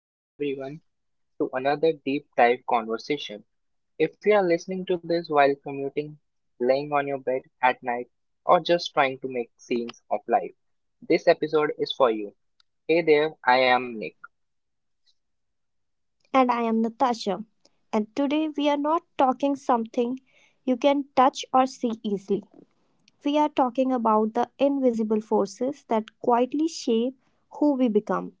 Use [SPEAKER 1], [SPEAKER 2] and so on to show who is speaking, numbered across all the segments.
[SPEAKER 1] Welcome everyone to another deep dive conversation. If you are listening to this while commuting, laying on your bed at night, or just trying to make scenes of life, this episode is for you. Hey there, I am Nick.
[SPEAKER 2] And I am Natasha. And today we are not talking something you can touch or see easily. We are talking about the invisible forces that quietly shape who we become,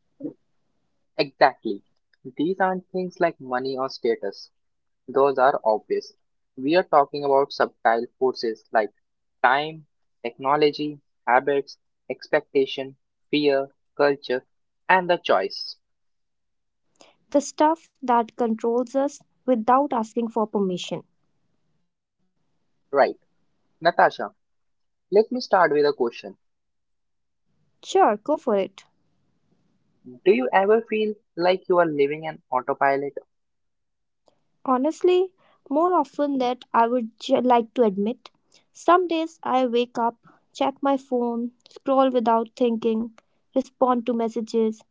[SPEAKER 1] Exactly. These aren't things like money or status, those are obvious. We are talking about subtle forces like time, technology, habits, expectation, fear, culture, and the choice.
[SPEAKER 2] the stuff that controls us without asking for permission.
[SPEAKER 1] Right. Natasha, let me start with a question.
[SPEAKER 2] Sure, go for it.
[SPEAKER 1] Do you ever feel like you are living an autopilot?
[SPEAKER 2] Honestly, more often than I would like to admit. Some days I wake up, check my phone, scroll without thinking, respond to messages,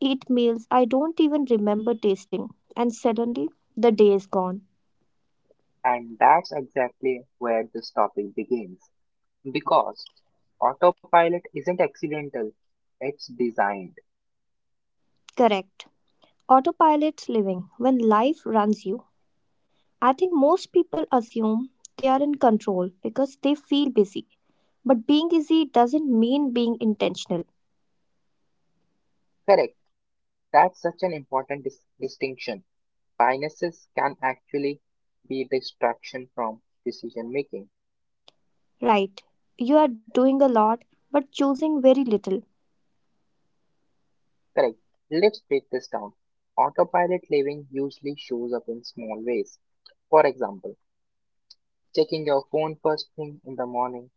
[SPEAKER 2] eat meals I don't even remember tasting, and suddenly the day is gone.
[SPEAKER 1] And that's exactly where this topic begins. Because autopilot isn't accidental, it's designed.
[SPEAKER 2] Correct. Autopilot living when life runs you. I think most people assume they are in control because they feel busy. But being busy doesn't mean being intentional.
[SPEAKER 1] Correct. That's such an important distinction. Biases can actually be distraction from decision making.
[SPEAKER 2] Right, you are doing a lot but choosing very little,
[SPEAKER 1] Correct. Let's break this down. Autopilot living usually shows up in small ways. For example, checking your phone first thing in the morning,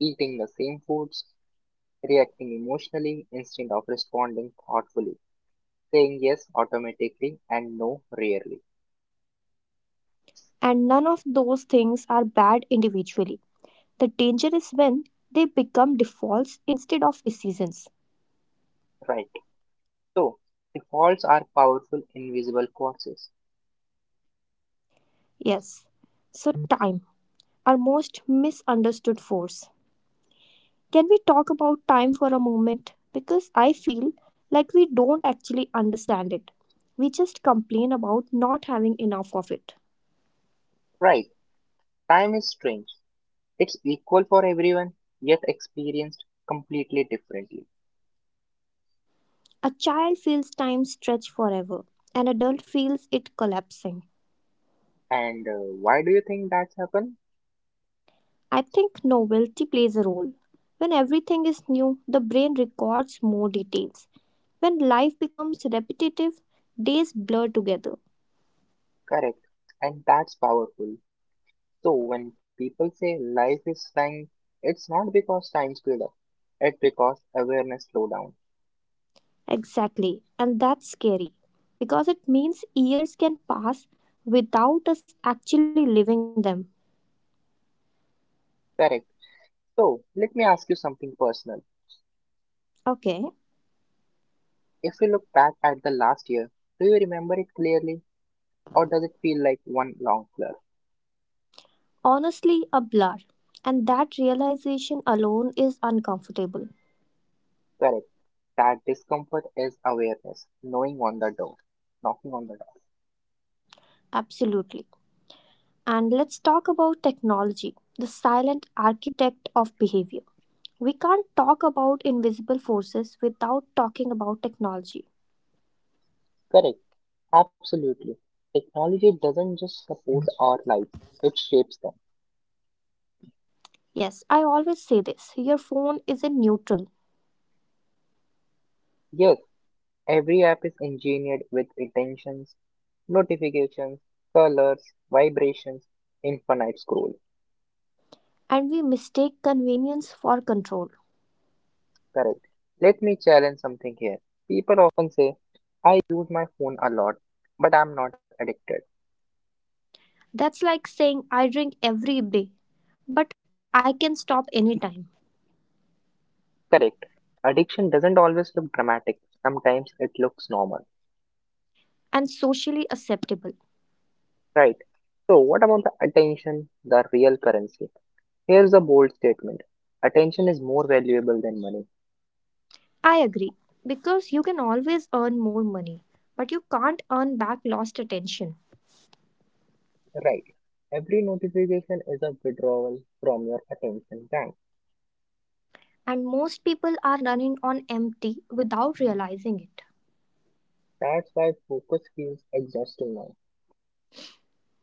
[SPEAKER 1] eating the same foods, reacting emotionally instead of responding thoughtfully, saying yes automatically and no rarely.
[SPEAKER 2] and none of those things are bad individually. The danger is when they become defaults instead of decisions.
[SPEAKER 1] Right. So, defaults are powerful invisible forces.
[SPEAKER 2] Yes, so time, our most misunderstood force. Can we talk about time for a moment? Because I feel like we don't actually understand it. We just complain about not having enough of it.
[SPEAKER 1] Right. Time is strange. It's equal for everyone, yet experienced completely differently.
[SPEAKER 2] A child feels time stretch forever, an adult feels it collapsing.
[SPEAKER 1] And why do you think that's happened?
[SPEAKER 2] I think novelty plays a role. When everything is new, the brain records more details. When life becomes repetitive, days blur together.
[SPEAKER 1] Correct. And that's powerful. So, when people say life is time, it's not because time speed up, it's because awareness slow down.
[SPEAKER 2] Exactly, and that's scary because it means years can pass without us actually living them.
[SPEAKER 1] Correct. So, let me ask you something personal.
[SPEAKER 2] Okay,
[SPEAKER 1] If you look back at the last year, do you remember it clearly or does it feel like one long blur?
[SPEAKER 2] honestly, a blur. And that realization alone is uncomfortable.
[SPEAKER 1] Correct. That discomfort is awareness, knowing on the door, knocking on the door.
[SPEAKER 2] Absolutely. And let's talk about technology, the silent architect of behavior. We can't talk about invisible forces without talking about technology.
[SPEAKER 1] Correct. Absolutely. Technology doesn't just support our lives, it shapes them.
[SPEAKER 2] Yes, I always say this your phone is in neutral,
[SPEAKER 1] Yes, every app is engineered with intentions, notifications, colors, vibrations, infinite scroll.
[SPEAKER 2] and we mistake convenience for control.
[SPEAKER 1] Correct. Let me challenge something here. People often say, I use my phone a lot, but I'm not addicted.
[SPEAKER 2] That's like saying I drink every day, but I can stop anytime
[SPEAKER 1] Correct. Addiction doesn't always look dramatic, sometimes it looks normal.
[SPEAKER 2] and socially acceptable.
[SPEAKER 1] Right. So, what about the attention, the real currency? Here's a bold statement: attention is more valuable than money.
[SPEAKER 2] I agree, because you can always earn more money, but you can't earn back lost attention.
[SPEAKER 1] Right. Every notification is a withdrawal from your attention bank.
[SPEAKER 2] And most people are running on empty without realizing it
[SPEAKER 1] That's why focus feels exhausting now.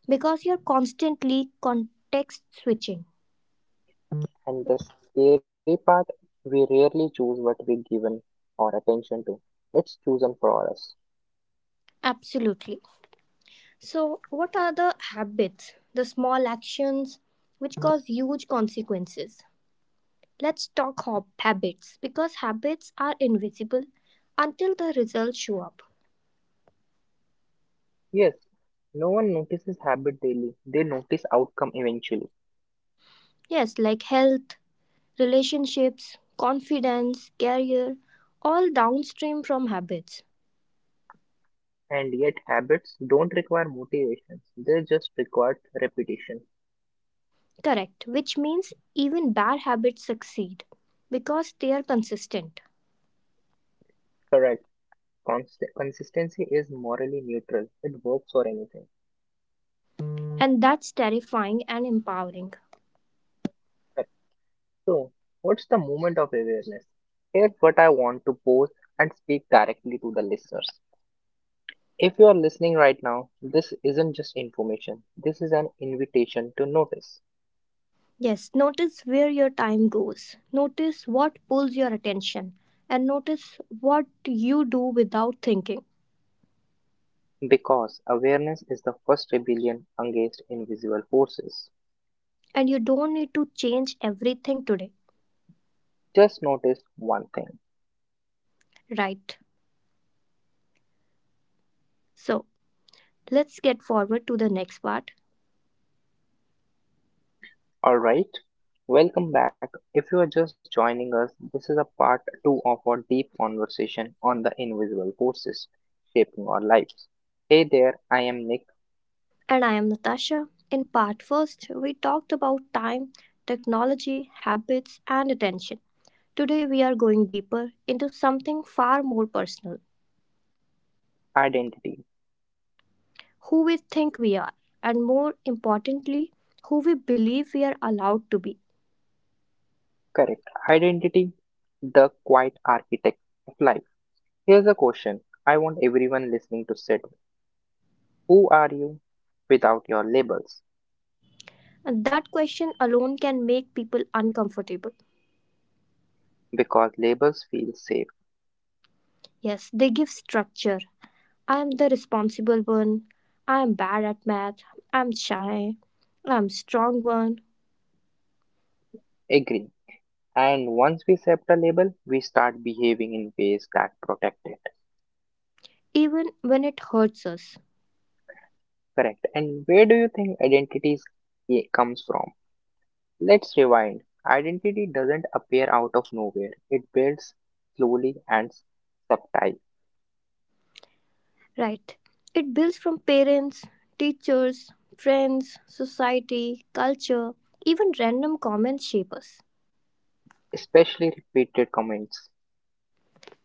[SPEAKER 2] because you're constantly context switching.
[SPEAKER 1] And the scary part, we rarely choose what we given or attention to. It's chosen for us.
[SPEAKER 2] Absolutely. So, what are the habits, the small actions which cause huge consequences? Let's talk habits because habits are invisible until the results show up.
[SPEAKER 1] Yes, no one notices habit daily. They notice outcome eventually.
[SPEAKER 2] Yes, like health, relationships, confidence, career, all downstream from habits.
[SPEAKER 1] And yet habits don't require motivations. They just require repetition.
[SPEAKER 2] Correct, which means even bad habits succeed because they are consistent.
[SPEAKER 1] Correct. Consistency is morally neutral. It works for anything.
[SPEAKER 2] And that's terrifying and empowering.
[SPEAKER 1] Correct. So, what's the moment of awareness? Here's what I want to pose and speak directly to the listeners. If you are listening right now, this isn't just information. This is an invitation to notice.
[SPEAKER 2] Yes, notice where your time goes. Notice what pulls your attention. And notice what you do without thinking.
[SPEAKER 1] Because awareness is the first rebellion against invisible forces.
[SPEAKER 2] And you don't need to change everything today,
[SPEAKER 1] Just notice one thing.
[SPEAKER 2] right? So, let's get forward to the next part.
[SPEAKER 1] Alright? Welcome back. If you are just joining us, this is a part 2 of our deep conversation on the invisible forces shaping our lives. Hey there, I am Nick.
[SPEAKER 2] And I am Natasha. In part first, we talked about time, technology, habits, and attention. Today, we are going deeper into something far more personal
[SPEAKER 1] Identity.
[SPEAKER 2] who we think we are, and more importantly, who we believe we are allowed to be.
[SPEAKER 1] Correct. Identity, the quiet architect of life. Here's a question I want everyone listening to sit with. Who are you without your labels?
[SPEAKER 2] And that question alone can make people uncomfortable.
[SPEAKER 1] Because labels feel safe.
[SPEAKER 2] Yes, they give structure. I am the responsible one. I am bad at math. I'm shy. I'm strong one.
[SPEAKER 1] Agree. And once we accept a label, we start behaving in ways that protect it.
[SPEAKER 2] Even when it hurts us.
[SPEAKER 1] Correct. And where do you think identity comes from? Let's rewind. Identity doesn't appear out of nowhere. It builds slowly and subtile,
[SPEAKER 2] Right. It builds from parents, teachers, friends, society, culture, even random comments shape us.
[SPEAKER 1] especially repeated comments,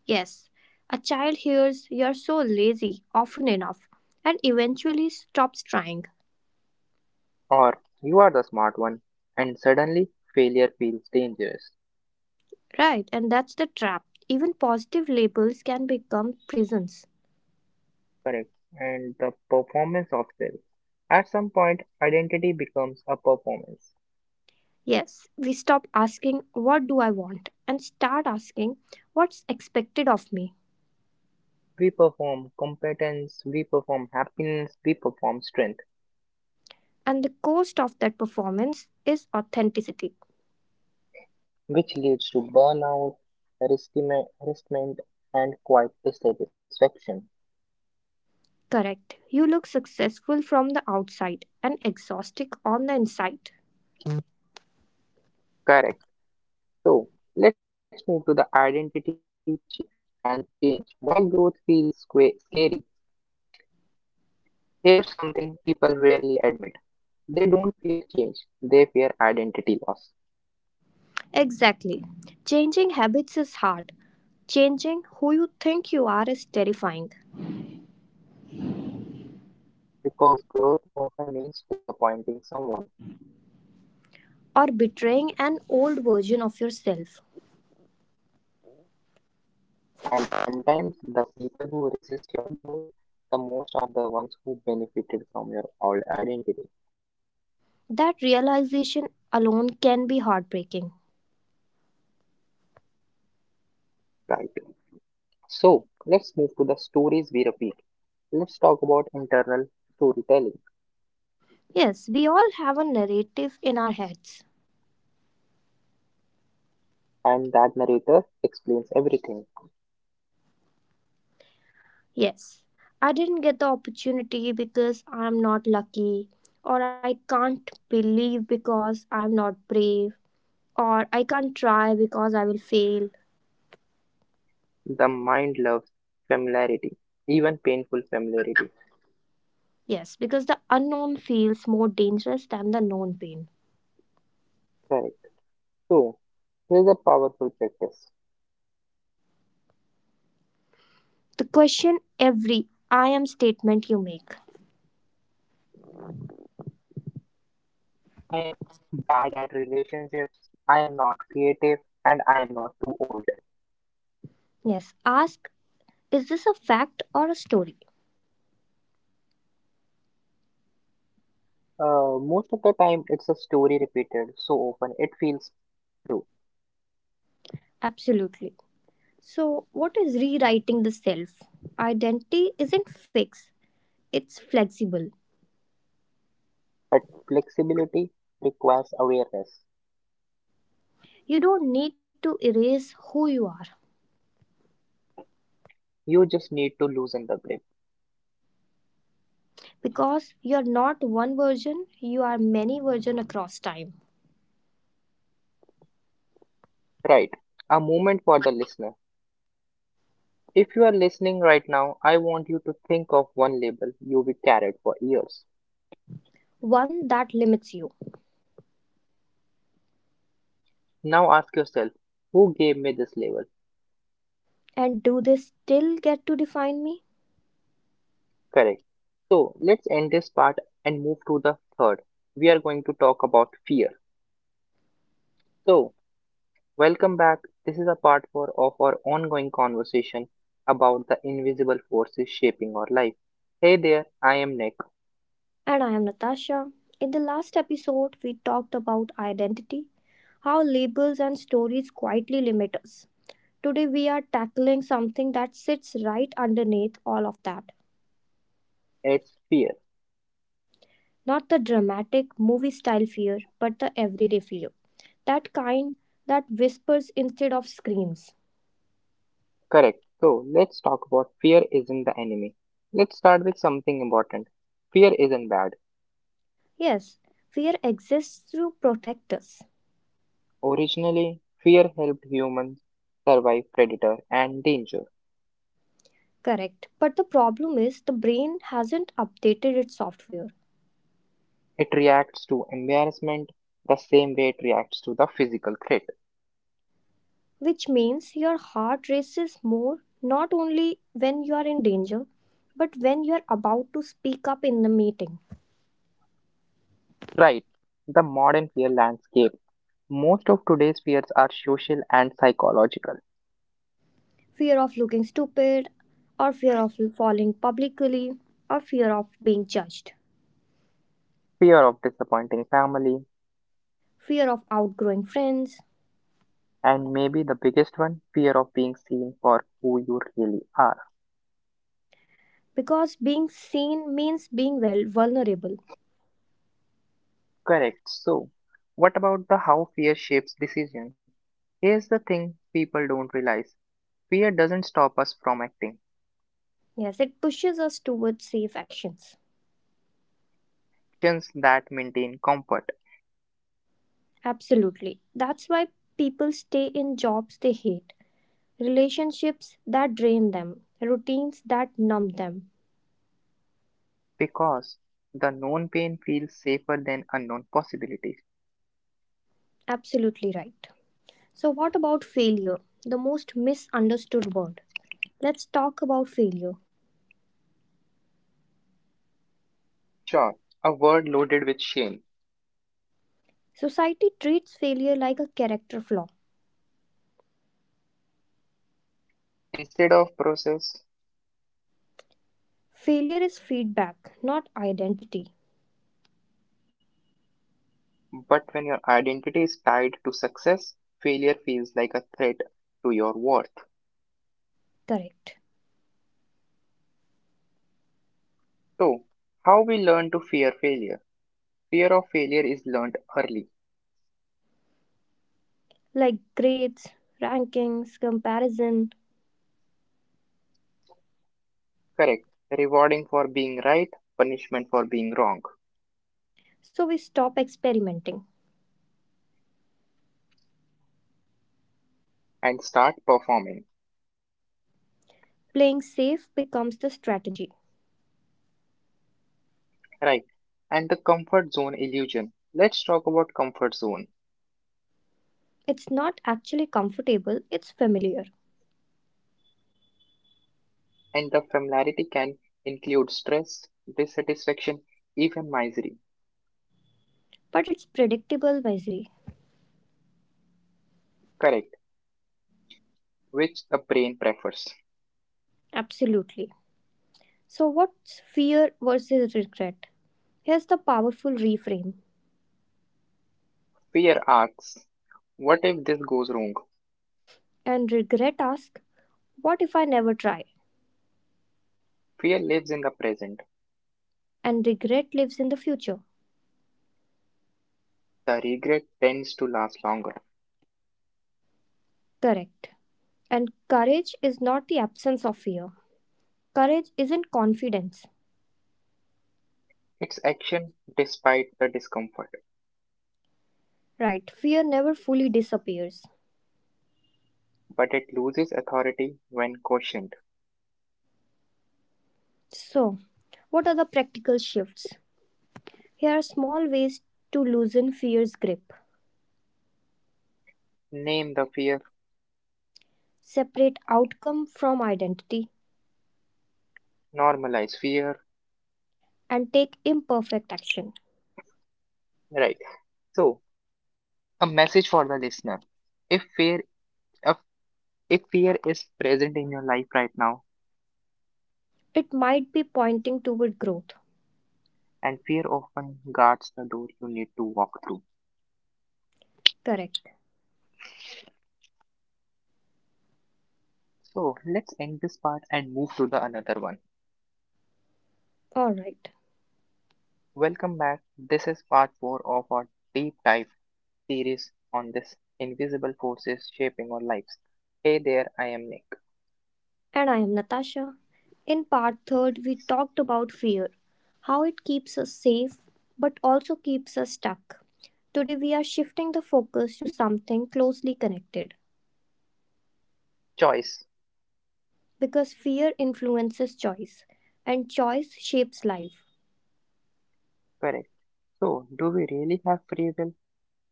[SPEAKER 2] Yes. A child hears you're so lazy often enough and eventually stops trying.
[SPEAKER 1] or you are the smart one and suddenly failure feels dangerous.
[SPEAKER 2] Right, and that's the trap. Even positive labels can become prisons.
[SPEAKER 1] Correct. And the performance of self. At some point, identity becomes a performance.
[SPEAKER 2] Yes, we stop asking, What do I want? And start asking, What's expected of me?
[SPEAKER 1] We perform competence, we perform happiness, we perform strength,
[SPEAKER 2] And the cost of that performance is authenticity.
[SPEAKER 1] which leads to burnout, resentment, harassment, and quite dissatisfaction.
[SPEAKER 2] Correct. You look successful from the outside and exhausted on the inside.
[SPEAKER 1] Correct. So, let's move to the identity ch- and change. Why growth feels scary? Here's something people rarely admit. They don't fear change, they fear identity loss.
[SPEAKER 2] Exactly. Changing habits is hard. Changing who you think you are is terrifying,
[SPEAKER 1] Because growth often means disappointing someone,
[SPEAKER 2] or betraying an old version of yourself.
[SPEAKER 1] and sometimes the people who resist your growth the most are the ones who benefited from your old identity.
[SPEAKER 2] That realization alone can be heartbreaking.
[SPEAKER 1] Right. So let's move to the stories we repeat. Let's talk about internal storytelling,
[SPEAKER 2] Yes, we all have a narrative in our heads.
[SPEAKER 1] and that narrator explains everything.
[SPEAKER 2] Yes, I didn't get the opportunity because I'm not lucky, or I can't believe because I'm not brave, or I can't try because I will fail.
[SPEAKER 1] The mind loves familiarity, even painful familiarity.
[SPEAKER 2] Yes, because the unknown feels more dangerous than the known pain.
[SPEAKER 1] Correct. So here's a powerful practice.
[SPEAKER 2] The question every I am statement you make.
[SPEAKER 1] I am bad at relationships, I am not creative, and I am not too old.
[SPEAKER 2] Yes, ask is this a fact or a story?
[SPEAKER 1] Most of the time, it's a story repeated so often it feels true.
[SPEAKER 2] Absolutely. So, what is rewriting the self? Identity isn't fixed, it's flexible.
[SPEAKER 1] But flexibility requires awareness.
[SPEAKER 2] You don't need to erase who you are
[SPEAKER 1] You just need to loosen the
[SPEAKER 2] because you're not one version, you are many versions across time.
[SPEAKER 1] Right. A moment for the listener. If you are listening right now, I want you to think of one label you we carried for years.
[SPEAKER 2] One that limits you.
[SPEAKER 1] Now ask yourself, who gave me this label?
[SPEAKER 2] And do they still get to define me?
[SPEAKER 1] Correct. So let's end this part and move to the third. We are going to talk about fear. So welcome back. This is a part 4 of our ongoing conversation about the invisible forces shaping our life. Hey there, I am Nick.
[SPEAKER 2] And I am Natasha. In the last episode, we talked about identity, how labels and stories quietly limit us. Today, we are tackling something that sits right underneath all of that.
[SPEAKER 1] It's fear.
[SPEAKER 2] Not the dramatic movie style fear, but the everyday fear. That kind that whispers instead of screams.
[SPEAKER 1] Correct. So let's talk about fear isn't the enemy. Let's start with something important. Fear isn't bad.
[SPEAKER 2] Yes, fear exists to protect us.
[SPEAKER 1] Originally, fear helped humans survive predator and danger.
[SPEAKER 2] Correct. But the problem is the brain hasn't updated its software,
[SPEAKER 1] It reacts to embarrassment the same way it reacts to the physical threat.
[SPEAKER 2] which means your heart races more not only when you are in danger, but when you are about to speak up in the meeting.
[SPEAKER 1] Right. The modern fear landscape. Most of today's fears are social and psychological.
[SPEAKER 2] Fear of looking stupid, or fear of falling publicly, or fear of being judged.
[SPEAKER 1] Fear of disappointing family,
[SPEAKER 2] Fear of outgrowing friends,
[SPEAKER 1] and maybe the biggest one, fear of being seen for who you really are.
[SPEAKER 2] because being seen means being well vulnerable.
[SPEAKER 1] Correct. So, what about the how fear shapes decision? Here's the thing people don't realize. Fear doesn't stop us from acting.
[SPEAKER 2] Yes, it pushes us towards safe actions.
[SPEAKER 1] Actions that maintain comfort.
[SPEAKER 2] Absolutely. That's why people stay in jobs they hate, relationships that drain them, routines that numb them.
[SPEAKER 1] Because the known pain feels safer than unknown possibilities.
[SPEAKER 2] Absolutely right. So, what about failure? The most misunderstood word. Let's talk about failure.
[SPEAKER 1] Sure, a word loaded with shame
[SPEAKER 2] Society treats failure like a character flaw.
[SPEAKER 1] instead of process,
[SPEAKER 2] Failure is feedback, not identity.
[SPEAKER 1] but when your identity is tied to success, failure feels like a threat to your worth.
[SPEAKER 2] Correct.
[SPEAKER 1] So, how we learn to fear failure? Fear of failure is learned early.
[SPEAKER 2] Like grades, rankings, comparison.
[SPEAKER 1] Correct. Rewarding for being right, punishment for being wrong,
[SPEAKER 2] So we stop experimenting.
[SPEAKER 1] and start performing.
[SPEAKER 2] Playing safe becomes the strategy.
[SPEAKER 1] Right. And the comfort zone illusion. Let's talk about comfort zone.
[SPEAKER 2] It's not actually comfortable, it's familiar,
[SPEAKER 1] And the familiarity can include stress, dissatisfaction, even misery.
[SPEAKER 2] but it's predictable misery.
[SPEAKER 1] Correct, which the brain prefers.
[SPEAKER 2] Absolutely. So, what's fear versus regret? Here's the powerful reframe.
[SPEAKER 1] Fear asks, what if this goes wrong?
[SPEAKER 2] And regret asks, What if I never try?
[SPEAKER 1] Fear lives in the present.
[SPEAKER 2] And regret lives in the future.
[SPEAKER 1] The regret tends to last longer.
[SPEAKER 2] Correct. And courage is not the absence of fear. Courage isn't confidence.
[SPEAKER 1] It's action despite the discomfort,
[SPEAKER 2] Right, fear never fully disappears.
[SPEAKER 1] but it loses authority when questioned.
[SPEAKER 2] So, what are the practical shifts? Here are small ways to loosen fear's grip.
[SPEAKER 1] Name the fear,
[SPEAKER 2] Separate outcome from identity
[SPEAKER 1] normalize fear.
[SPEAKER 2] and take imperfect action.
[SPEAKER 1] Right. So, a message for the listener. If fear if, if fear is present in your life right now,
[SPEAKER 2] It might be pointing toward growth.
[SPEAKER 1] and fear often guards the door you need to walk through.
[SPEAKER 2] Correct.
[SPEAKER 1] So let's end this part and move to the another one.
[SPEAKER 2] All right.
[SPEAKER 1] Welcome back. This is part 4 of our deep dive series on this invisible forces shaping our lives. Hey there, I am Nick.
[SPEAKER 2] And I am Natasha. In part third, we talked about fear, how it keeps us safe but also keeps us stuck. Today, we are shifting the focus to something closely connected
[SPEAKER 1] Choice.
[SPEAKER 2] because fear influences choice and choice shapes life.
[SPEAKER 1] Correct. So, do we really have free will?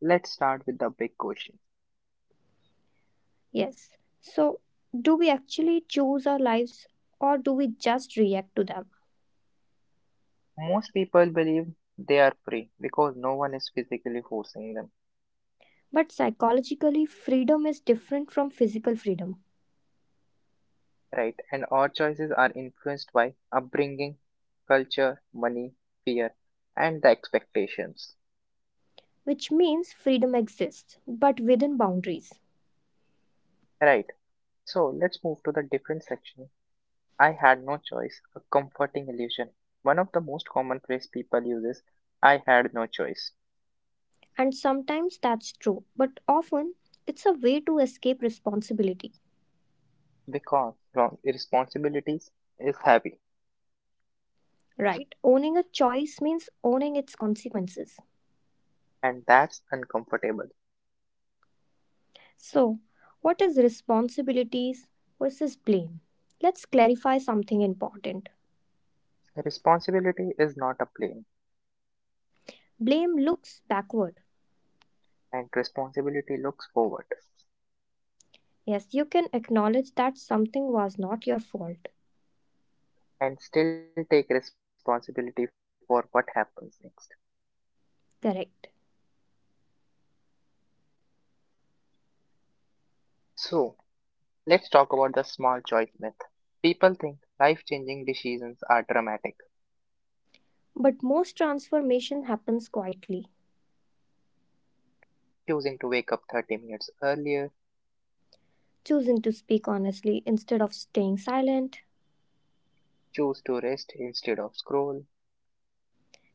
[SPEAKER 1] Let's start with the big question.
[SPEAKER 2] Yes. So, do we actually choose our lives or do we just react to them?
[SPEAKER 1] Most people believe they are free because no one is physically forcing them.
[SPEAKER 2] But psychologically, freedom is different from physical freedom,
[SPEAKER 1] Right. And our choices are influenced by upbringing, culture, money, fear, and the expectations.
[SPEAKER 2] which means freedom exists but within boundaries.
[SPEAKER 1] Right. So let's move to the different section. I had no choice, a comforting illusion. One of the most common phrase people use is I had no choice
[SPEAKER 2] And sometimes that's true, but often it's a way to escape responsibility.
[SPEAKER 1] because wrong responsibilities is heavy
[SPEAKER 2] Right. Owning a choice means owning its consequences.
[SPEAKER 1] and that's uncomfortable.
[SPEAKER 2] So, what is responsibilities versus blame? Let's clarify something important.
[SPEAKER 1] Responsibility is not a blame
[SPEAKER 2] Blame looks backward.
[SPEAKER 1] and responsibility looks forward
[SPEAKER 2] Yes, you can acknowledge that something was not your fault.
[SPEAKER 1] and still take responsibility for what happens next.
[SPEAKER 2] Correct.
[SPEAKER 1] So let's talk about the small choice myth. People think life changing decisions are dramatic.
[SPEAKER 2] But most transformation happens quietly,
[SPEAKER 1] Choosing to wake up 30 minutes earlier,
[SPEAKER 2] choosing to speak honestly instead of staying silent.
[SPEAKER 1] choose to rest instead of scroll,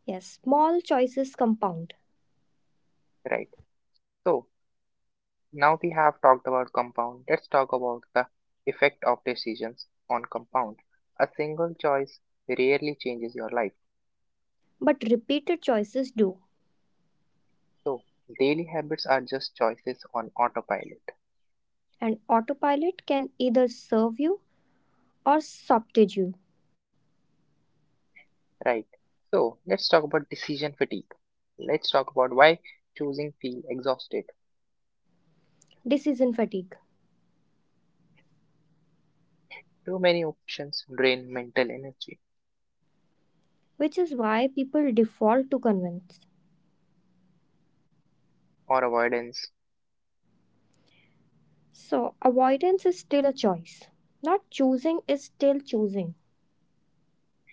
[SPEAKER 2] Yes, small choices compound,
[SPEAKER 1] right? So, now we have talked about compound, let's talk about the effect of decisions on compound. A single choice rarely changes your life.
[SPEAKER 2] but repeated choices do.
[SPEAKER 1] So, daily habits are just choices on autopilot,
[SPEAKER 2] And autopilot can either serve you or sabotage you.
[SPEAKER 1] right? So, let's talk about decision fatigue. Let's talk about why choosing feel exhausted.
[SPEAKER 2] Decision fatigue.
[SPEAKER 1] Too many options drain mental energy
[SPEAKER 2] Which is why people default to convince.
[SPEAKER 1] or avoidance.
[SPEAKER 2] So, avoidance is still a choice. Not choosing is still choosing.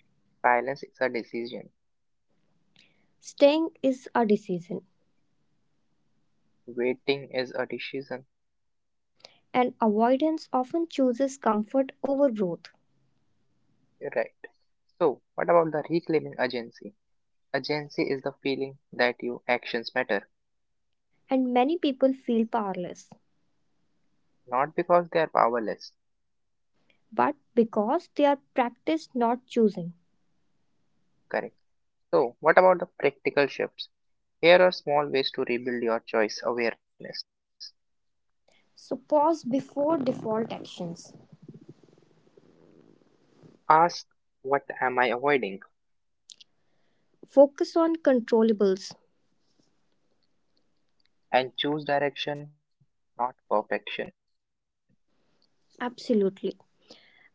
[SPEAKER 1] Silence is a decision.
[SPEAKER 2] Staying is a decision.
[SPEAKER 1] Waiting is a decision.
[SPEAKER 2] And avoidance often chooses comfort over growth.
[SPEAKER 1] Right. So, what about the reclaiming agency? Agency is the feeling that your actions matter,
[SPEAKER 2] And many people feel powerless,
[SPEAKER 1] not because they are powerless.
[SPEAKER 2] but because they are practiced not choosing.
[SPEAKER 1] Correct. So, what about the practical shifts? Here are small ways to rebuild your choice awareness.
[SPEAKER 2] So, pause before default actions.
[SPEAKER 1] Ask, what am I avoiding?
[SPEAKER 2] Focus on controllables.
[SPEAKER 1] And choose direction, not perfection.
[SPEAKER 2] Absolutely.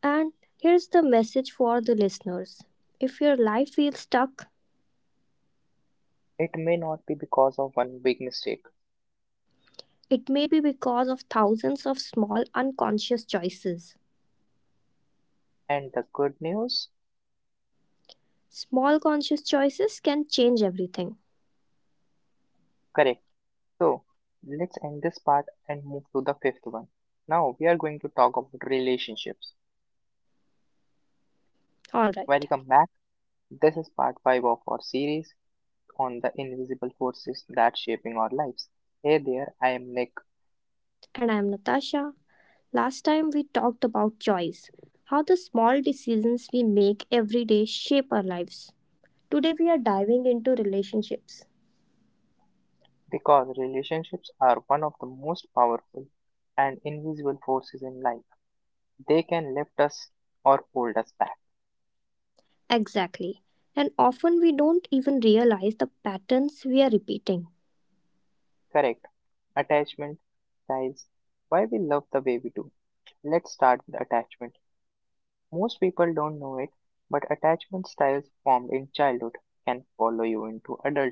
[SPEAKER 2] And here's the message for the listeners if your life feels stuck,
[SPEAKER 1] It may not be because of one big mistake.
[SPEAKER 2] it may be because of thousands of small unconscious choices.
[SPEAKER 1] And the good news?
[SPEAKER 2] Small conscious choices can change everything.
[SPEAKER 1] Correct. So, let's end this part and move to the fifth one. Now, we are going to talk about relationships.
[SPEAKER 2] All right.
[SPEAKER 1] Welcome back. This is part 5 of our series on the invisible forces that shaping our lives. Hey there, I am Nick.
[SPEAKER 2] And I'm Natasha. Last time we talked about choice, how the small decisions we make every day shape our lives. Today we are diving into relationships.
[SPEAKER 1] Because relationships are one of the most powerful and invisible forces in life. They can lift us or hold us back.
[SPEAKER 2] Exactly. And often we don't even realize the patterns we are repeating.
[SPEAKER 1] Correct. Attachment styles. Why we love the way we do. Let's start with attachment. Most people don't know it, but attachment styles formed in childhood can follow you into adulthood.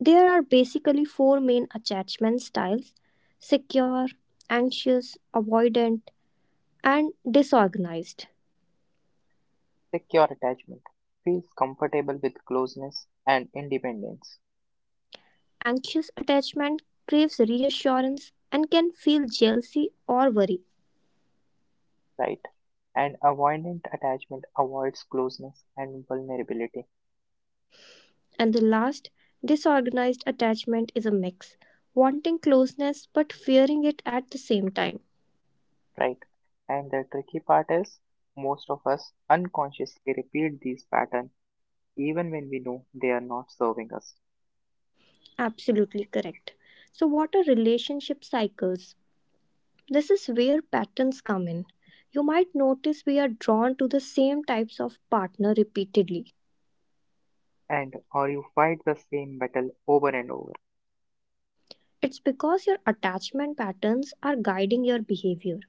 [SPEAKER 2] There are basically four main attachment styles secure, anxious, avoidant, and disorganized.
[SPEAKER 1] Secure attachment feels comfortable with closeness and independence,
[SPEAKER 2] Anxious attachment craves reassurance and can feel jealousy or worry.
[SPEAKER 1] right? And avoidant attachment avoids closeness and vulnerability,
[SPEAKER 2] And the last, disorganized attachment is a mix, wanting closeness but fearing it at the same time.
[SPEAKER 1] right? And the tricky part is most of us unconsciously repeat these patterns even when we know they are not serving us.
[SPEAKER 2] Absolutely correct. So, what are relationship cycles? This is where patterns come in. You might notice we are drawn to the same types of partner repeatedly.
[SPEAKER 1] And or you fight the same battle over and over
[SPEAKER 2] It's because your attachment patterns are guiding your behavior.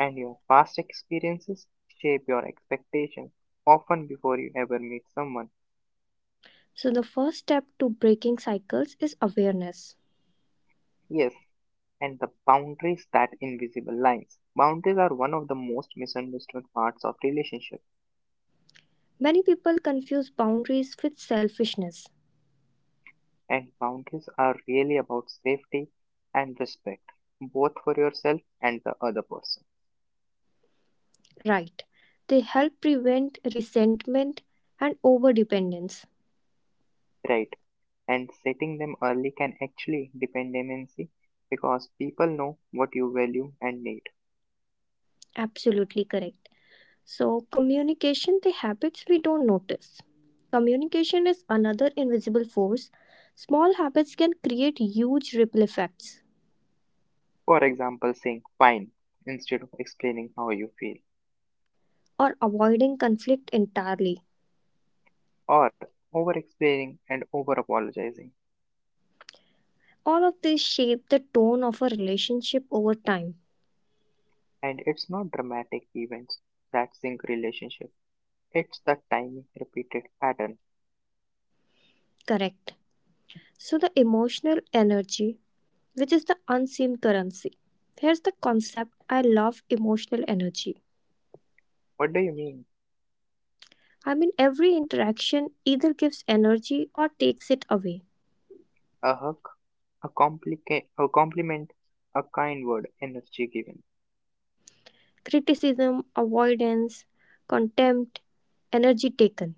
[SPEAKER 1] and your past experiences shape your expectations, often before you ever meet someone.
[SPEAKER 2] So, the first step to breaking cycles is awareness.
[SPEAKER 1] Yes, and the boundaries that invisible lines. Boundaries are one of the most misunderstood parts of relationship,
[SPEAKER 2] Many people confuse boundaries with selfishness.
[SPEAKER 1] and boundaries are really about safety and respect, both for yourself and the other person.
[SPEAKER 2] Right. They help prevent resentment and overdependence.
[SPEAKER 1] Right, and setting them early can actually depend dependency because people know what you value and need.
[SPEAKER 2] Absolutely correct. So, communication, the habits we don't notice. Communication is another invisible force. Small habits can create huge ripple effects
[SPEAKER 1] For example, saying fine instead of explaining how you feel
[SPEAKER 2] or avoiding conflict entirely.
[SPEAKER 1] or over-explaining and over-apologizing.
[SPEAKER 2] All of these shape the tone of a relationship over time.
[SPEAKER 1] And it's not dramatic events that sink relationship. It's the timing repeated pattern.
[SPEAKER 2] Correct. So, the emotional energy, which is the unseen currency. Here's the concept I love emotional energy.
[SPEAKER 1] What do you mean?
[SPEAKER 2] I mean, every interaction either gives energy or takes it away.
[SPEAKER 1] A hug, a a compliment, a kind word, energy given.
[SPEAKER 2] Criticism, avoidance, contempt, energy taken.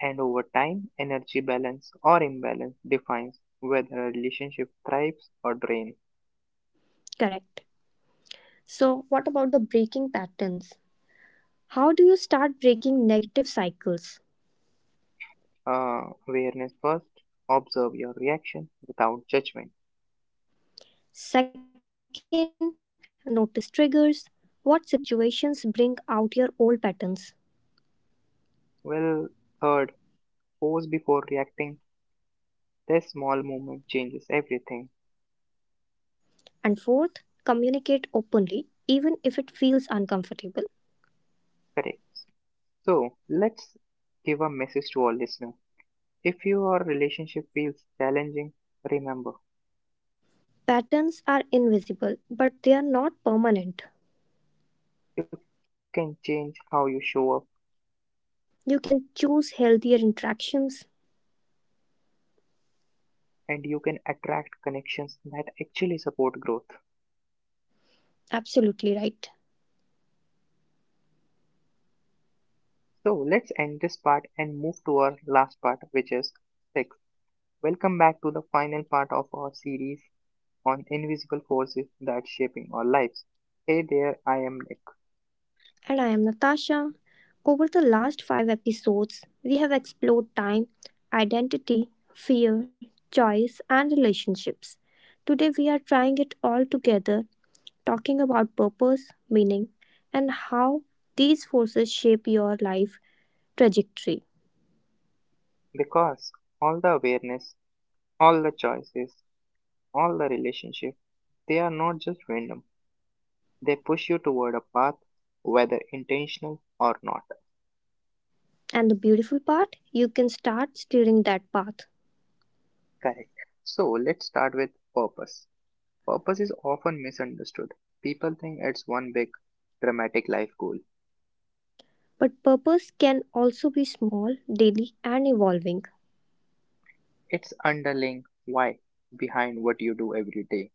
[SPEAKER 1] And over time, energy balance or imbalance defines whether a relationship thrives or drains.
[SPEAKER 2] Correct. So, what about the breaking patterns? How do you start breaking negative cycles?
[SPEAKER 1] Uh, Awareness first, observe your reaction without judgment.
[SPEAKER 2] Second, notice triggers. What situations bring out your old patterns?
[SPEAKER 1] Well, third, pause before reacting. This small movement changes everything.
[SPEAKER 2] And fourth, communicate openly, even if it feels uncomfortable.
[SPEAKER 1] Correct. So let's give a message to our listener. If your relationship feels challenging, remember
[SPEAKER 2] Patterns are invisible, but they are not permanent.
[SPEAKER 1] you can change how you show up
[SPEAKER 2] You can choose healthier interactions.
[SPEAKER 1] and you can attract connections that actually support growth.
[SPEAKER 2] Absolutely right.
[SPEAKER 1] So let's end this part and move to our last part, which is six. Welcome back to the final part of our series on invisible forces that shaping our lives. Hey there, I am Nick.
[SPEAKER 2] And I am Natasha. Over the last five episodes, we have explored time, identity, fear, choice, and relationships. Today, we are trying it all together, talking about purpose, meaning, and how these forces shape your life trajectory.
[SPEAKER 1] Because all the awareness, all the choices, all the relationships, they are not just random. They push you toward a path, whether intentional or not.
[SPEAKER 2] And the beautiful part, you can start steering that path.
[SPEAKER 1] Correct. So let's start with purpose. Purpose is often misunderstood. People think it's one big, dramatic life goal.
[SPEAKER 2] But purpose can also be small, daily, and evolving.
[SPEAKER 1] It's underlying why behind what you do every day.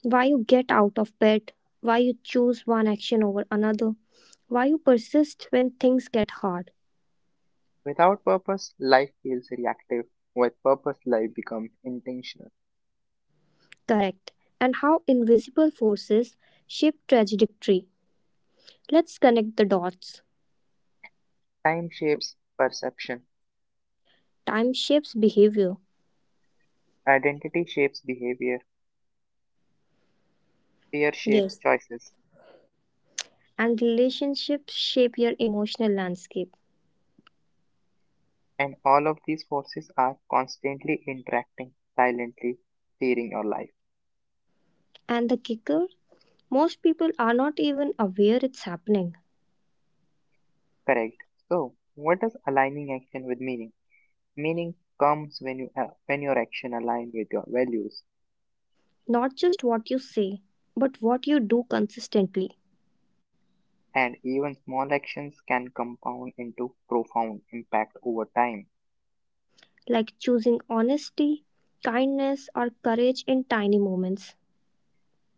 [SPEAKER 2] Why you get out of bed, why you choose one action over another, why you persist when things get hard.
[SPEAKER 1] Without purpose, life feels reactive. With purpose, life becomes intentional.
[SPEAKER 2] Correct. And how invisible forces shape trajectory. Let's connect the dots.
[SPEAKER 1] Time shapes perception.
[SPEAKER 2] Time shapes behavior.
[SPEAKER 1] Identity shapes behavior. Fear shapes
[SPEAKER 2] Yes.
[SPEAKER 1] choices.
[SPEAKER 2] And relationships shape your emotional landscape.
[SPEAKER 1] And all of these forces are constantly interacting, silently steering your life.
[SPEAKER 2] And the kicker, most people are not even aware it's happening.
[SPEAKER 1] Correct. So, what does aligning action with meaning? Meaning comes when your action align with your values,
[SPEAKER 2] Not just what you say, but what you do consistently,
[SPEAKER 1] and even small actions can compound into profound impact over time.
[SPEAKER 2] like choosing honesty, kindness, or courage in tiny moments.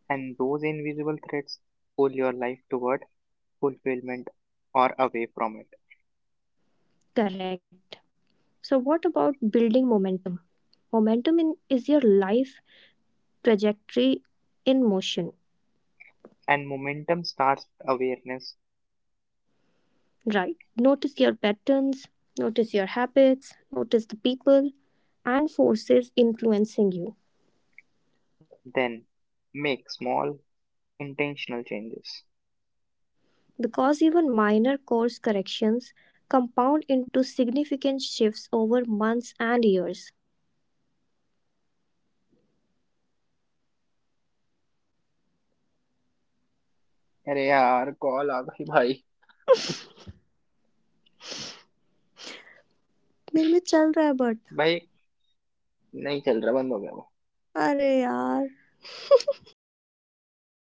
[SPEAKER 1] And those invisible threads pull your life toward fulfillment or away from it.
[SPEAKER 2] Correct. So, what about building momentum? Momentum in, is your life trajectory in motion,
[SPEAKER 1] And momentum starts with awareness,
[SPEAKER 2] right? Notice your patterns, notice your habits, notice the people and forces influencing you.
[SPEAKER 1] then make small intentional changes.
[SPEAKER 2] Because even minor course corrections compound into significant shifts over months and years.
[SPEAKER 1] अरे यार call आ गई भाई
[SPEAKER 2] मेरे में चल रहा है but
[SPEAKER 1] भाई नहीं चल रहा बंद हो गया
[SPEAKER 2] अरे यार!